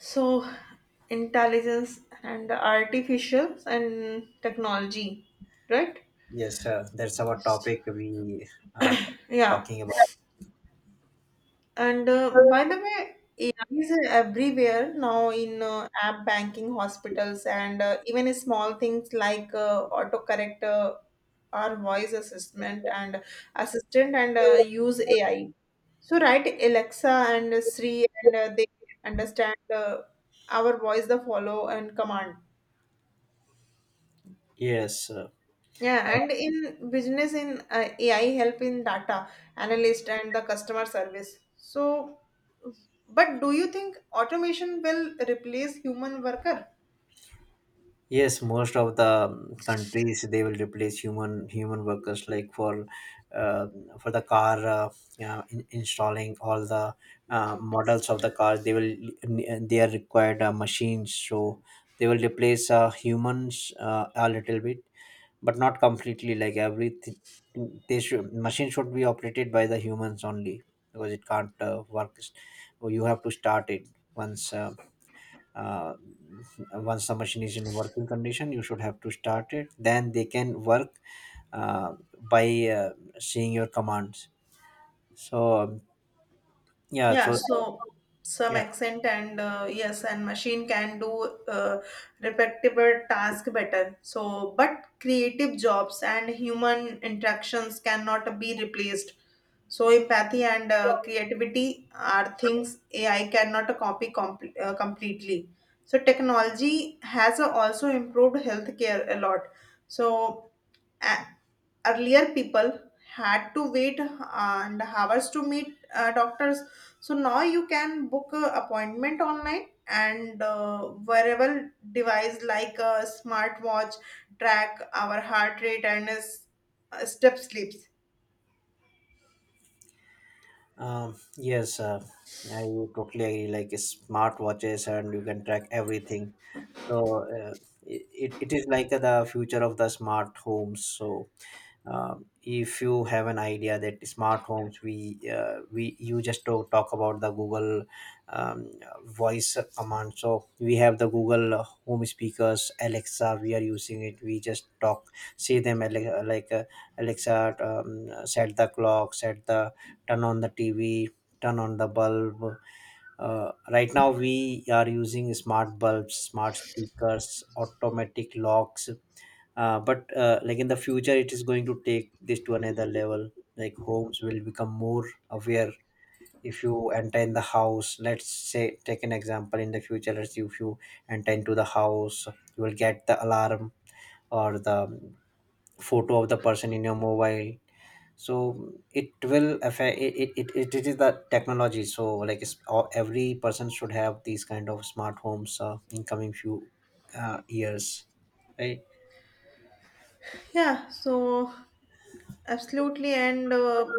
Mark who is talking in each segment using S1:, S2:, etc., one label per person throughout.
S1: So, intelligence and artificial and technology, right?
S2: Yes, that's our topic we are
S1: Yeah.
S2: talking about.
S1: And by the way, AI is everywhere now in app banking, hospitals, and even small things like autocorrect or voice assistant and assistant and use AI. So, right, Alexa and Siri, and they understand our voice, the follow and command.
S2: Yes, uh,
S1: Yeah, and in business, in AI help in data analyst and the customer service. So, but do you think automation will replace human worker?
S2: yes. Most of the countries they will replace human workers like uh, for the car, installing all the models of the cars. They are required machines, so they will replace humans a little bit, but not completely. Like everything, they should machine should be operated by the humans only, because it can't work, or you have to start it once uh, once the machine is in working condition. You should have to start it, then they can work uh, by uh, seeing your commands. so um, yeah
S1: Yeah,
S2: so
S1: so some
S2: yeah
S1: accent and yes, and machine can do repetitive task better. So, but creative jobs and human interactions cannot be replaced. So, empathy and creativity are things AI cannot copy completely. So, technology has also improved healthcare a lot. So, a- earlier people had to wait and hours to meet doctors. So now you can book a appointment online and wearable device like a smartwatch track our heart rate and step sleeps.
S2: Yes, I totally agree. Like smart watches, and you can track everything. So it is like the future of the smart homes. So if you have an idea that smart homes, we you just to talk about the Google um, voice command. So we have the Google home speakers, Alexa. We are using it. We just talk, say them Alexa, set the clock, set the turn on the TV, turn on the bulb. Right now, we are using smart bulbs, smart speakers, automatic locks, but like in the future it is going to take this to another level. Like homes will become more aware. If you enter in the house, let's say take an example in the future, let's say if you enter into the house, you will get the alarm or the photo of the person in your mobile. So it will affect it. It is the technology. So like every person should have these kind of smart homes in coming few years, right?
S1: Yeah, so absolutely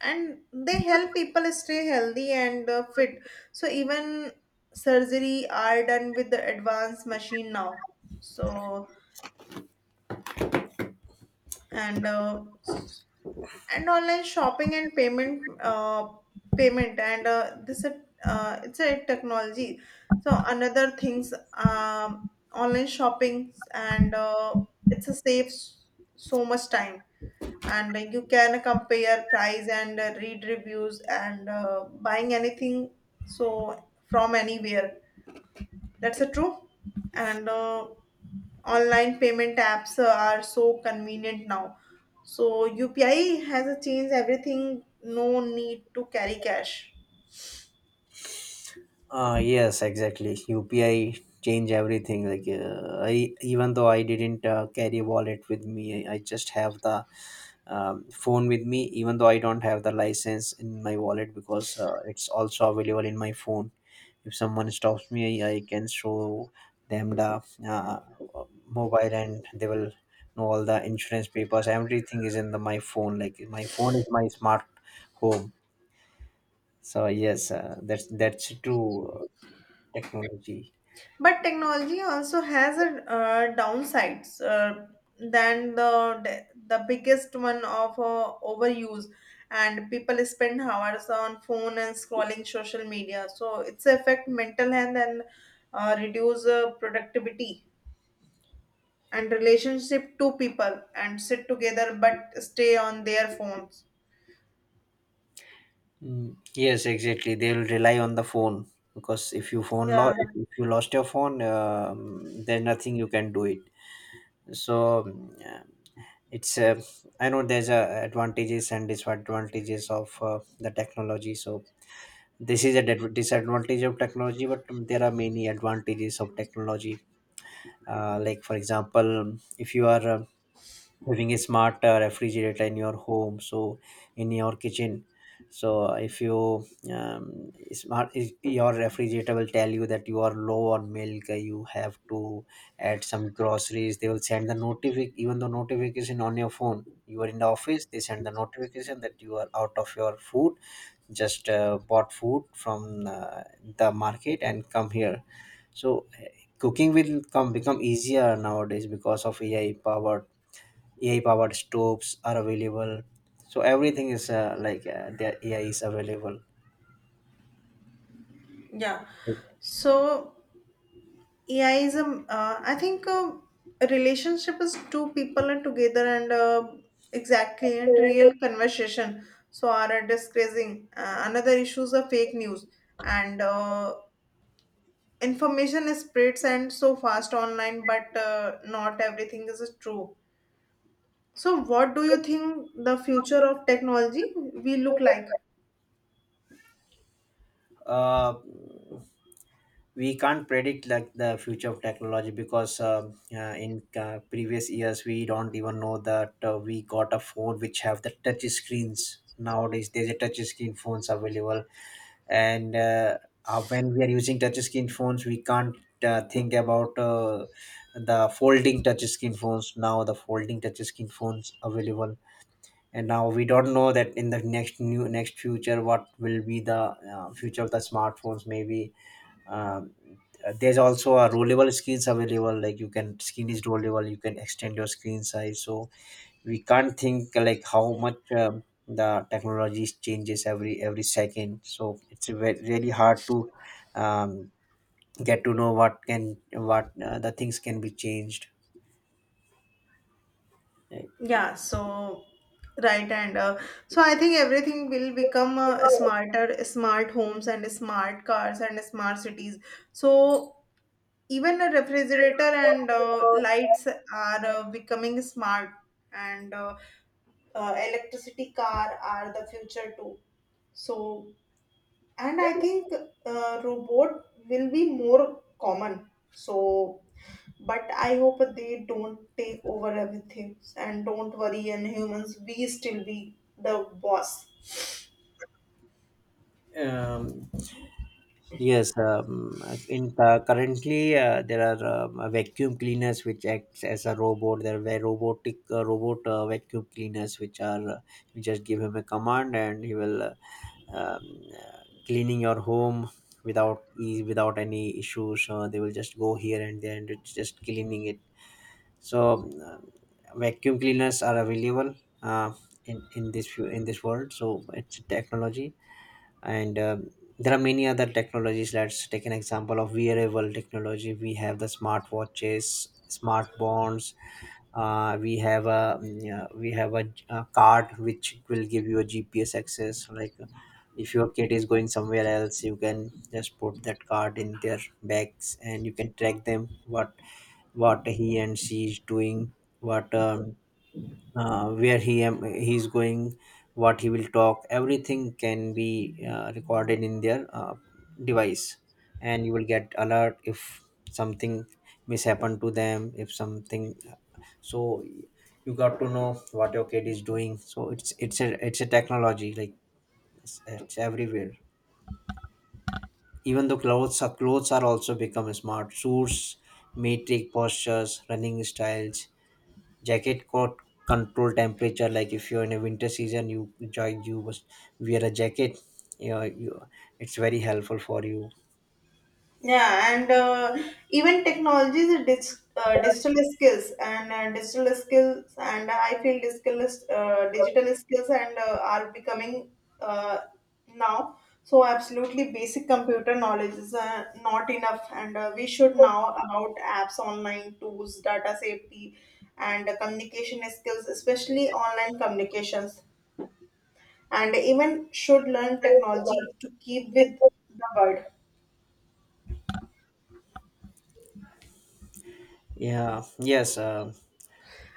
S1: and they help people stay healthy and fit. So even surgery are done with the advanced machine now. So and uh, s- and online shopping and payment and this is, it's a technology. So another things. Online shopping and it's a saves so much time, and you can compare price and read reviews and buying anything so from anywhere. That's a true. And online payment apps are so convenient now. So UPI has a changed everything. No need to carry cash.
S2: Yes, exactly. UPI change everything. Like I, even though I didn't carry wallet with me, I just have the phone with me. Even though I don't have the license in my wallet, because it's also available in my phone. If someone stops me, I can show them the mobile, and they will know all the insurance papers. Everything is in the my phone. Like my phone is my smart home. So yes, that's true technology.
S1: But technology also has a downsides. Than the biggest one of overuse, and people spend hours on phone and scrolling social media. So it's affect mental health and reduce productivity, and relationship two people and sit together but stay on their phones.
S2: Mm, yes, exactly. They'll rely on the phone, because if you phone lost,
S1: yeah
S2: if you lost your phone, there's nothing you can do it. So yeah, it's I know there's advantages and disadvantages of the technology. So this is a disadvantage of technology, but there are many advantages of technology. Like for example, if you are having a smart refrigerator in your home, so in your kitchen, so if you your refrigerator will tell you that you are low on milk. You have to add some groceries, they will send the notification, even the notification on your phone. You are in the office, they send the notification that you are out of your food. Just bought food from the market and come here. So cooking will come become easier nowadays because of AI powered stoves are available. So everything is the AI is available.
S1: yeah so AI is a I think a relationship is two people are together and exactly and real conversation. So are discussing another issues of fake news and information spreads and so fast online but not everything is true. So what do you think the future of technology will look like?
S2: Uh, we can't predict like the future of technology, because in previous years we don't even know that we got a phone which have the touch screens. Nowadays, there's a touch screen phones available, and when we are using touch screen phones we can't think about the folding touch screen phones. Now the folding touch screen phones available, and now we don't know that in the next new next future what will be the future of the smartphones. Maybe um, there's also a rollable screens available, like you can screen is rollable, you can extend your screen size. So we can't think like how much the technology changes every second, so it's really hard to um, get to know what can what the things can be changed, right?
S1: Yeah, so right and so I think everything will become smarter, smart homes and smart cars and smart cities. So even a refrigerator and lights are becoming smart, and electricity car are the future too. So and I think robot will be more common. So but I hope they don't take over everything and don't worry and humans we still be the boss.
S2: um, yes. In Currently there are vacuum cleaners which acts as a robot. There were robotic robot vacuum cleaners which are you just give him a command and he will um, uh, cleaning your home without any issues. They will just go here and there and it's just cleaning it. So vacuum cleaners are available uh, in this world. So it's a technology. And there are many other technologies. Let's take an example of wearable technology. We have the smartwatches, smart bonds. We have a card which will give you a GPS access. Like if your kid is going somewhere else, you can just put that card in their bags and you can track them, what he and she is doing, what where he's going, what he will talk. Everything can be recorded in their device. And you will get alert if something mishappened to them, if something. So you got to know what your kid is doing. So it's a technology. Like it's everywhere. Even though clothes are also become smart suits, metric postures, running styles, jacket coat, control temperature. Like if you're in a winter season, you enjoy, you must wear a jacket. You know, you, it's very helpful for you.
S1: Yeah, and even technology is a digital skills and I feel digital is- digital skills and are becoming uh, now. So absolutely basic computer knowledge is not enough, and we should now about apps, online tools, data safety, and communication skills, especially online communications, and even should learn technology to keep with the world.
S2: Yeah, yes,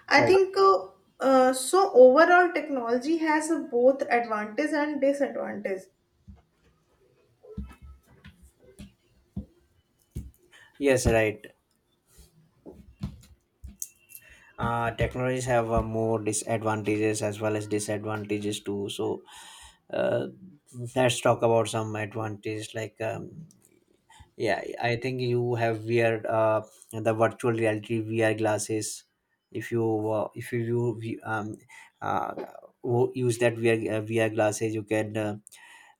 S1: I
S2: right.
S1: think so. Overall, technology has a both advantage and disadvantage.
S2: Yes, right. Technologies have more disadvantages as well as disadvantages too. So uh, let's talk about some advantages like. Yeah, I think you have wear the virtual reality VR glasses. If you uh, if you view- view- um, uh, use that VR glasses, you can uh,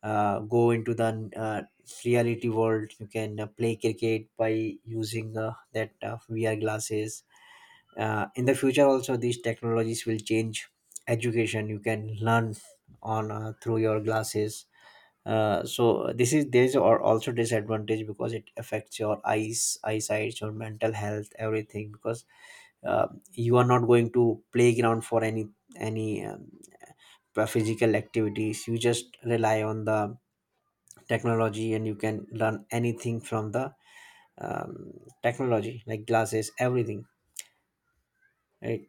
S2: uh, go into the reality world. You can play cricket by using that VR glasses. In the future, also these technologies will change education. You can learn on through your glasses. So this is there's Or also disadvantage, because it affects your eyesight, your mental health, everything, because you are not going to playground for any physical activities. You just rely on the technology and you can learn anything from the um, technology, like glasses, everything, right?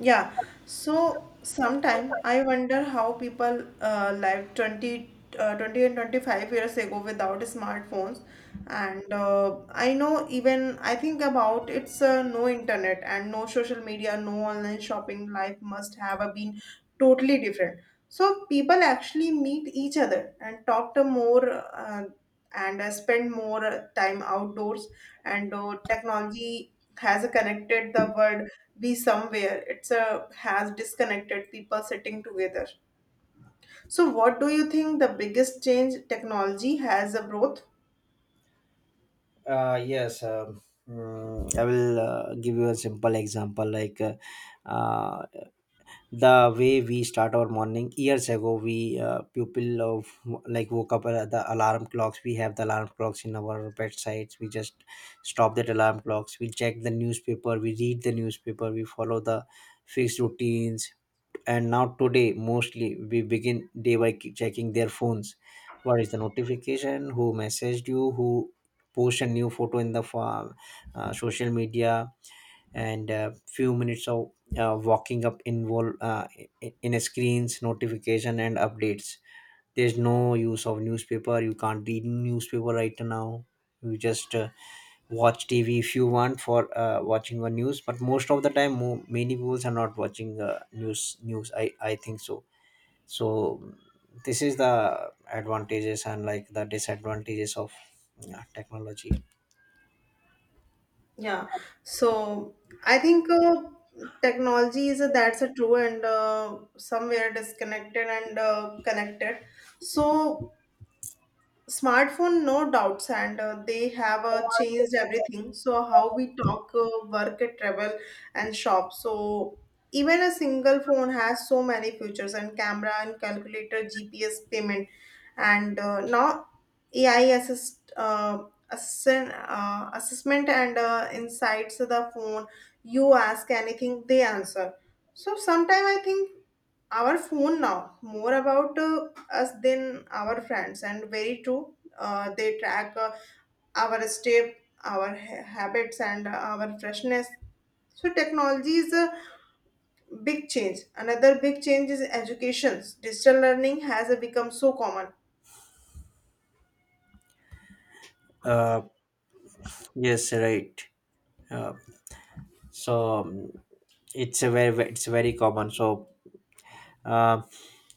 S1: Yeah, so sometime I wonder how people lived 20, 20 and 25 years ago without smartphones. And I know even I think about it's no internet and no social media, no online shopping. Life must have been totally different. So people actually meet each other and talk to more and spend more time outdoors. And technology has connected the word be somewhere it's a has disconnected people sitting together. So what do you think the biggest change technology has a growth?
S2: Uh, yes um, mm, i will give you a simple example. Like uh, the way we start our morning years ago. We people of like woke up at the alarm clocks. We have the alarm clocks in our bedsides, we just stop that alarm clocks, we check the newspaper, we read the newspaper, we follow the fixed routines. And now today mostly we begin day by checking their phones. What is the notification, who messaged you, who post a new photo in the social media. And few minutes of walking up involve in a screens notification and updates. There's no use of newspaper, you can't read newspaper right now. You just watch TV if you want for watching the news. But most of the time, many people are not watching news I think so. So this is the advantages and like the disadvantages of, yeah, technology.
S1: Yeah, so I think technology is a, that's a true and somewhere disconnected and connected. So smartphone, no doubts, and they have changed everything. So how we talk, work, travel, and shop. So even a single phone has so many features and camera and calculator, GPS, payment, and now AI assessment and insights. The phone, you ask anything, they answer. So sometimes I think our phone now more about us than our friends and very true they track our step our habits and our freshness. So technology is a big change. Another big change is education. Digital learning has become so common.
S2: uh yes, right. uh, so um, it's a it's very common. So uh,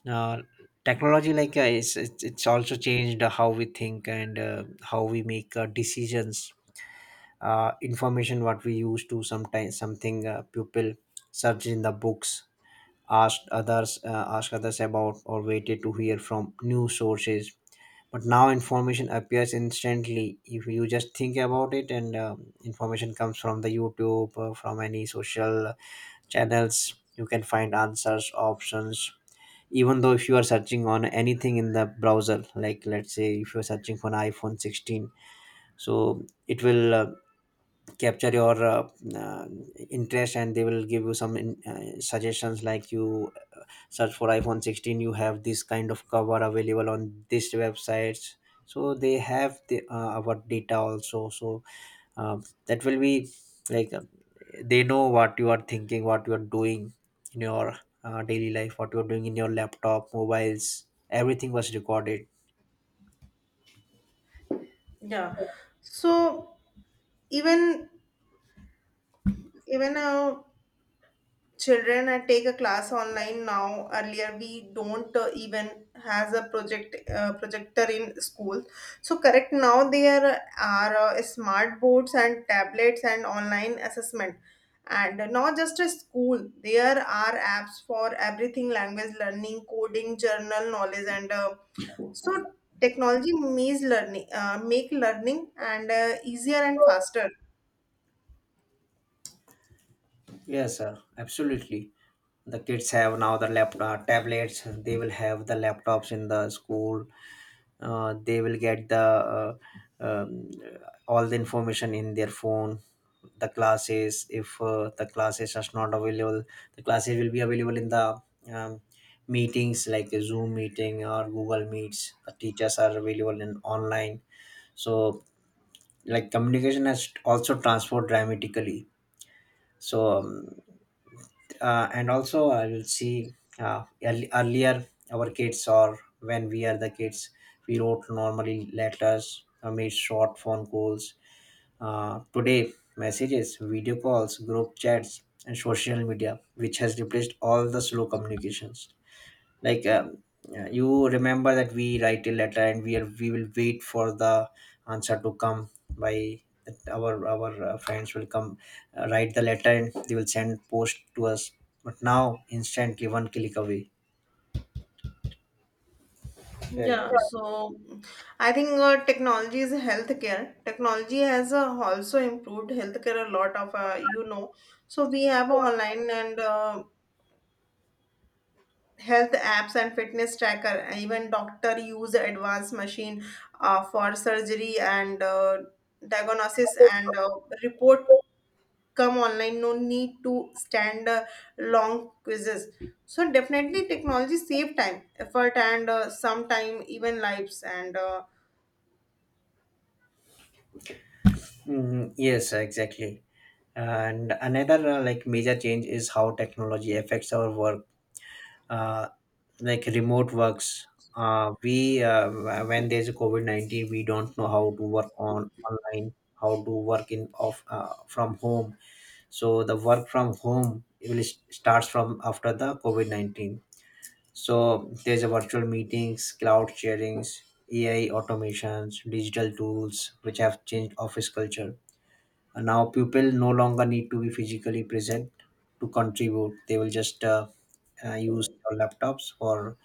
S2: uh, technology, like it's also changed how we think and how we make decisions. Information, what we use to sometimes something people search in the books, ask others about, or waited to hear from new sources. But now information appears instantly if you just think about it. And information comes from the youtube, from any social channels, you can find answers, options. Even though if you are searching on anything in the browser, like let's say if you're searching for an iphone 16, so it will capture your uh, interest, and they will give you some suggestions. Like you search for iphone 16, you have this kind of cover available on this websites. So they have the, our data also. So that will be like they know what you are thinking, what you are doing in your daily life, what you are doing in your laptop, mobiles, everything was recorded.
S1: Yeah, so even even children I take a class online now. Earlier we don't even has a projector in school. So correct, now there are smart boards and tablets and online assessment, and not just a school there are apps for everything, language learning, coding, journal knowledge, and so technology makes learning make learning and easier and faster.
S2: Yes sir, absolutely. The kids have now the laptop tablets, they will have the laptops in the school. They will get the um, all the information in their phone. The classes, if the classes are not available, the classes will be available in the um, meetings, like a zoom meeting or google meets. The teachers are available in online. So like communication has also transformed dramatically. So and Also, you'll see. Earlier, our kids, or when we are the kids, we wrote normally letters or made short phone calls. Today, messages, video calls, group chats and social media, which has replaced all the slow communications. like um, yeah, you remember that we write a letter and we will wait for the answer to come by, that our friends will come, write the letter and they will send post to us. But now instantly, one click away.
S1: Yeah,
S2: Right.
S1: so I think technology is healthcare. Technology has also improved healthcare a lot of you know. So we have online and health apps and fitness tracker. Even doctor use advanced machine for surgery and diagnosis and report come online. No need to stand long quizzes. So definitely technology save time, effort, and sometime even lives and.
S2: Mhm. Yes, exactly. And another like major change is how technology affects our work, uh, like remote works. We When there's a covid-19, we don't know how to work on online, how to work in off from home. So the work from home, it will starts from after the covid-19. So there's a virtual meetings, cloud sharings, ai automations, digital tools, which have changed office culture. And now people no longer need to be physically present to contribute. They will just use your laptops for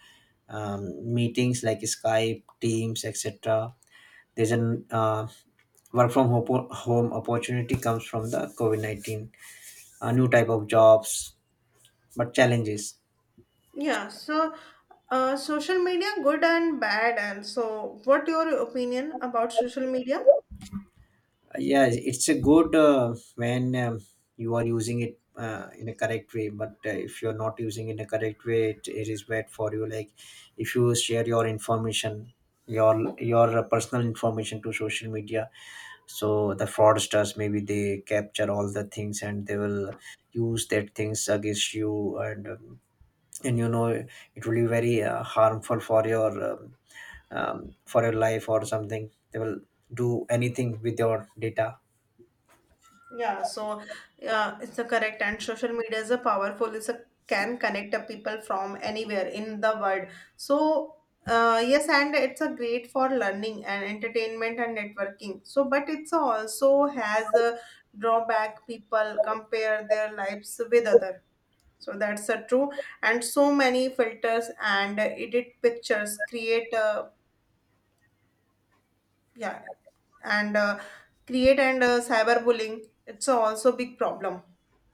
S2: meetings like Skype, Teams, etc. There's an home opportunity, comes from the COVID 19, a new type of jobs, but challenges.
S1: Yeah, so social media, good and bad. And so, what your opinion about social media?
S2: Yeah, it's a good when you are using it in a correct way. But if you're not using it in a correct way, it is bad for you. Like if you share your information, your personal information, to social media, so the fraudsters maybe they capture all the things and they will use that things against you. And you know it will be very harmful for your life, or something they will do anything with your data.
S1: Yeah, so it's a correct. And social media is a powerful. It's a can connect a people from anywhere in the world. So yes, and it's a great for learning and entertainment and networking. So, but it's also has a drawback. People compare their lives with other. So that's a true, and so many filters and edit pictures create, uh, yeah, and uh, create and cyberbullying. It's also big problem.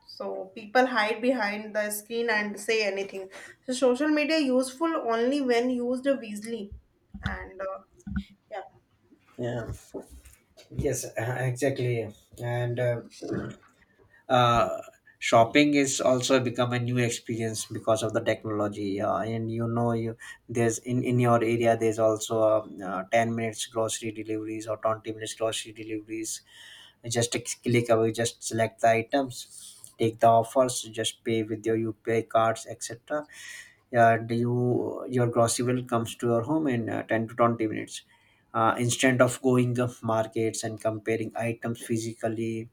S1: So people hide behind the screen and say anything. So social media useful only when used wisely, and yeah,
S2: Yeah. Yes, exactly. and uh, Shopping is also become a new experience because of the technology. And you know, you there's in your area there's also 10 minutes grocery deliveries, or 20 minutes grocery deliveries. Just a click away, just select the items, take the offers, just pay with your upi cards, etc. Yeah, do you your grocery bill comes to your home in 10 to 20 minutes, instead of going of markets and comparing items physically.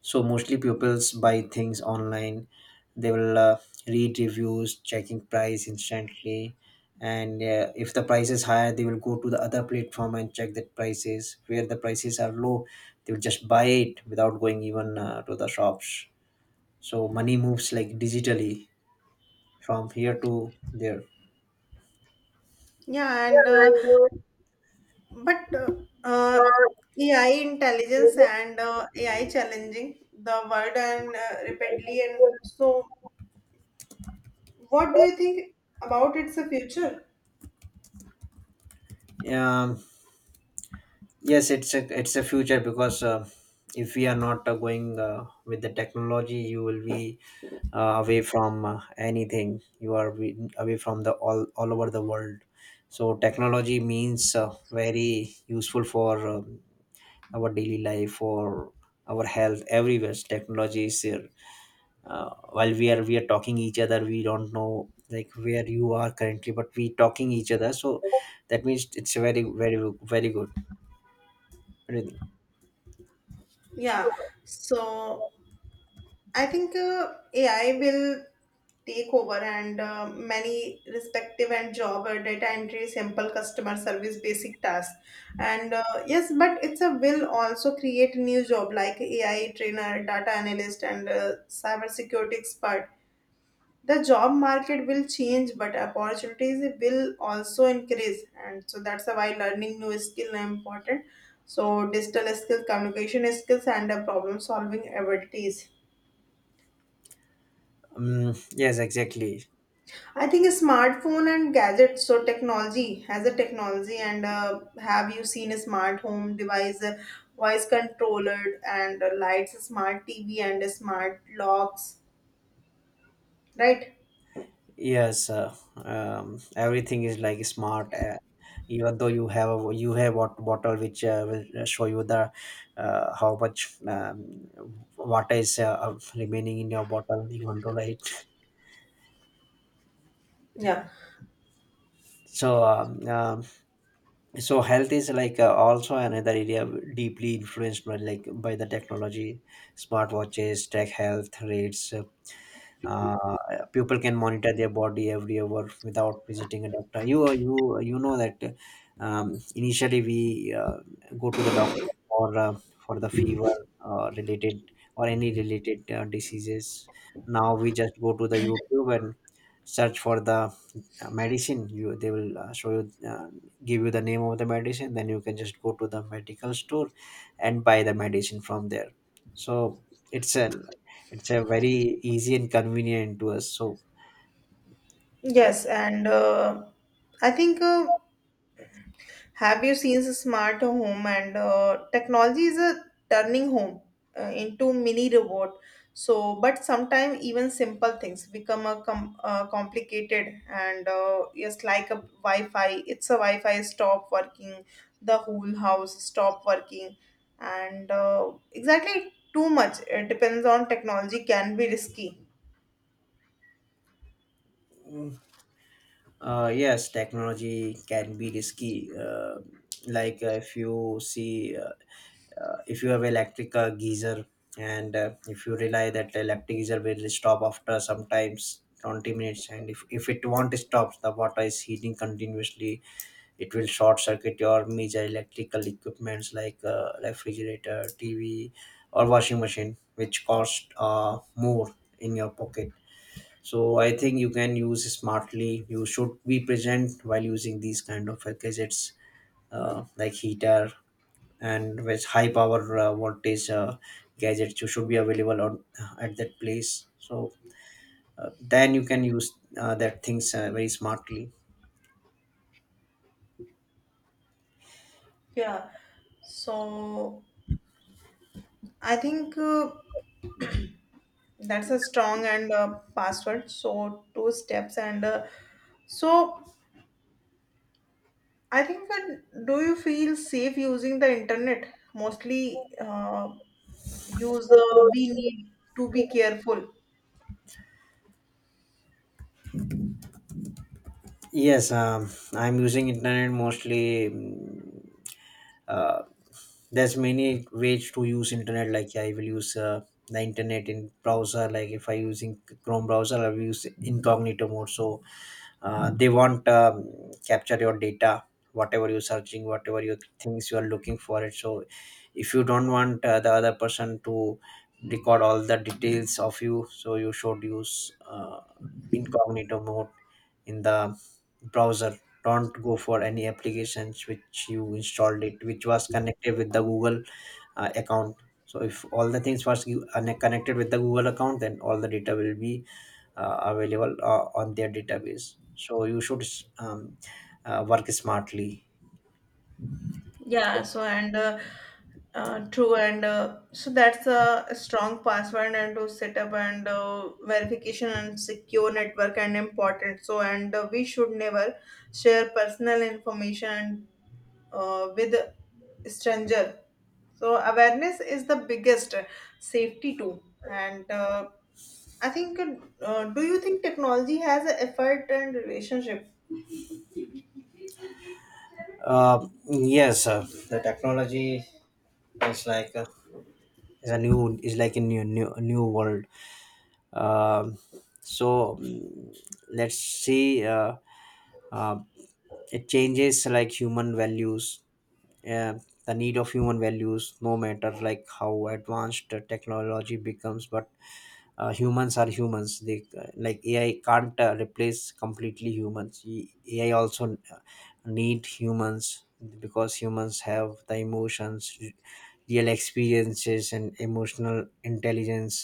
S2: So mostly pupils buy things online. They will read reviews, checking price instantly, and if the price is higher, they will go to the other platform and check that prices. Where the prices are low, they will just buy it without going even to the shops. So money moves like digitally from here to there.
S1: yeah, and but uh, AI intelligence and AI challenging the world and rapidly and so what do you think about its future?
S2: Yeah. Yes, it's a future, because if we are not going with the technology, you will be away from anything. You are away from the all over the world. So technology means very useful for our daily life, for our health. Everywhere technology is here. While we are talking each other, we don't know like where you are currently, but we talking each other. So that means it's very, very, very good.
S1: Yeah, so I think AI will take over and many respective and job or data entry, simple customer service, basic tasks. And yes, but it's a will also create new job like AI trainer, data analyst, and cyber security expert. The job market will change but opportunities will also increase, and so that's why learning new skill are important. So digital skills, communication skills, and the problem solving abilities.
S2: Mm, yes, exactly.
S1: I think smartphone and gadgets so technology has a technology and have you seen a smart home device, voice controller and lights, smart TV and smart locks, right?
S2: Yes, everything is like smart. Even though you have a, you have what bottle which will show you the how much water is remaining in your bottle. Even though, right?
S1: Yeah.
S2: So so health is like also another area deeply influenced by by the technology. Smartwatches, track health rates, uh, people can monitor their body every hour without visiting a doctor. You know that, initially we go to the doctor for uh, for the fever related, or any related diseases. Now we just go to the youtube and search for the medicine. You They will show you, uh, give you the name of the medicine, then you can just go to the medical store and buy the medicine from there. So it's a it's a very easy and convenient to us. So
S1: Yes, and I think have you seen the smart home and technology is a turning home into mini robot. So, but sometimes even simple things become a complicated and yes, like a Wi-Fi. It's a Wi-Fi stop working, the whole house stop working, and exactly too much. It depends on technology can be risky.
S2: yes, technology can be risky. Uh, like If you see, if you have electric geyser, and if you rely that electric geyser will stop after sometimes 20 minutes, and if it won't stop, the water is heating continuously. It will short circuit your major electrical equipments like refrigerator, tv, or washing machine, which cost more in your pocket. So I think you can use smartly, you should be present while using these kind of gadgets, like heater, and with high power voltage gadgets. You should be available on at that place. So then you can use that things very smartly.
S1: Yeah. So I think. That's a strong and password. So two steps and so I think that do you feel safe using the internet? Mostly use we need to be careful.
S2: Yes, I'm using internet mostly. Mm. Uh, there's many ways to use internet. Like yeah, I will use the internet in browser. Like if I using chrome browser, I will use incognito mode. So they won't capture your data, whatever you're searching, whatever you things you are looking for it. So if you don't want the other person to record all the details of you, so you should use incognito mode in the browser. Don't go for any applications which you installed it, which was connected with the google account. So if all the things are connected with the google account, then all the data will be available on their database. So you should um, work smartly.
S1: Yeah. So and true and so that's a strong password and to set up and verification and secure network and important. So and we should never share personal information with stranger. So awareness is the biggest safety tool. And I think, do you think technology has an effort and relationship?
S2: Yes, the technology is is a new, is like a new world. Um so mm, let's see. Uh, it changes like human values. Uh, the need of human values, no matter like how advanced the technology becomes, but humans are humans. They like ai can't replace completely humans. Ai also uh, need humans, because humans have the emotions, real experiences and emotional intelligence.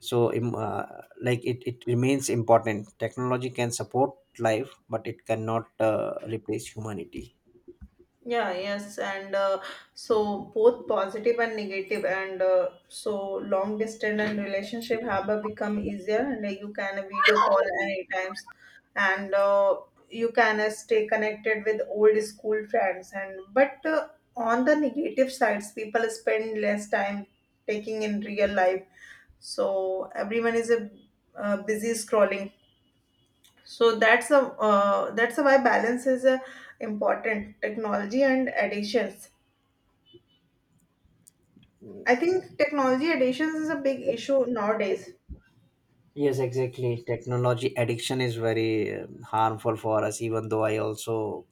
S2: so im- uh, like it remains important. Technology can support life, but it cannot replace humanity.
S1: Yeah, yes. And so both positive and negative and so long distance and relationship have become easier, and you can video call any times, and you can stay connected with old school friends, and but on the negative sides people spend less time taking in real life. So everyone is a busy scrolling. So that's a that's why balance is a important technology and additions. I think technology additions is a big issue nowadays.
S2: Yes, exactly. Technology addiction is very harmful for us. Even though I also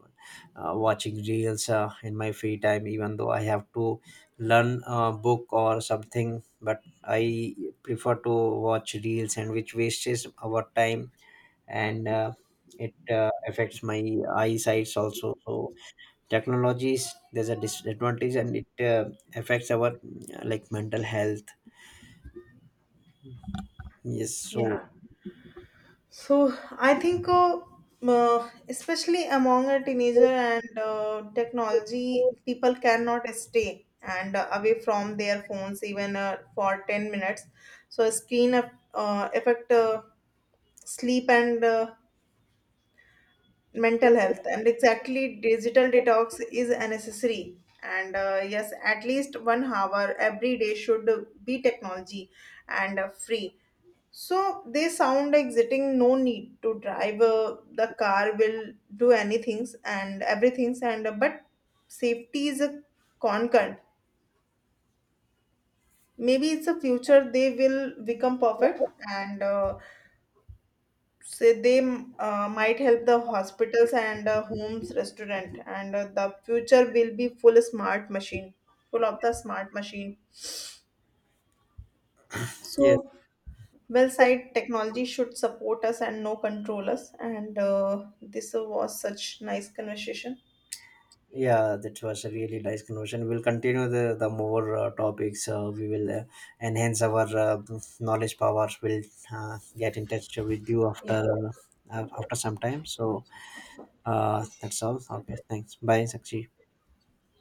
S2: watching reels in my free time, even though I have to learn a book or something, but I prefer to watch reels, and which wastes our time. And It affects my eyesight also. So technologies there's a disadvantage, and it affects our like mental health. Yes, so.
S1: Yeah, so I think especially among a teenager and technology people cannot stay and away from their phones even for 10 minutes. So screen affect sleep and mental health, and exactly digital detox is a necessary. And yes, at least 1 hour every day should be technology and free. So they sound exiting, no need to drive the car will do anything and everything's and but safety is a concern. Maybe it's a future they will become perfect and so they might help the hospitals and homes restaurant, and the future will be full smart machine full of the smart machine.
S2: Yes,
S1: So well side technology should support us and no control us, and this was such nice conversation.
S2: yeah, that was a really nice conversation. We'll continue the more topics. We will enhance our knowledge powers. We'll get in touch with you
S1: Yeah.
S2: after, after some time. So
S1: Okay,
S2: that's all. Okay, thanks. Bye,
S1: thank,
S2: Sakshi.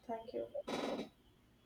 S1: thank you.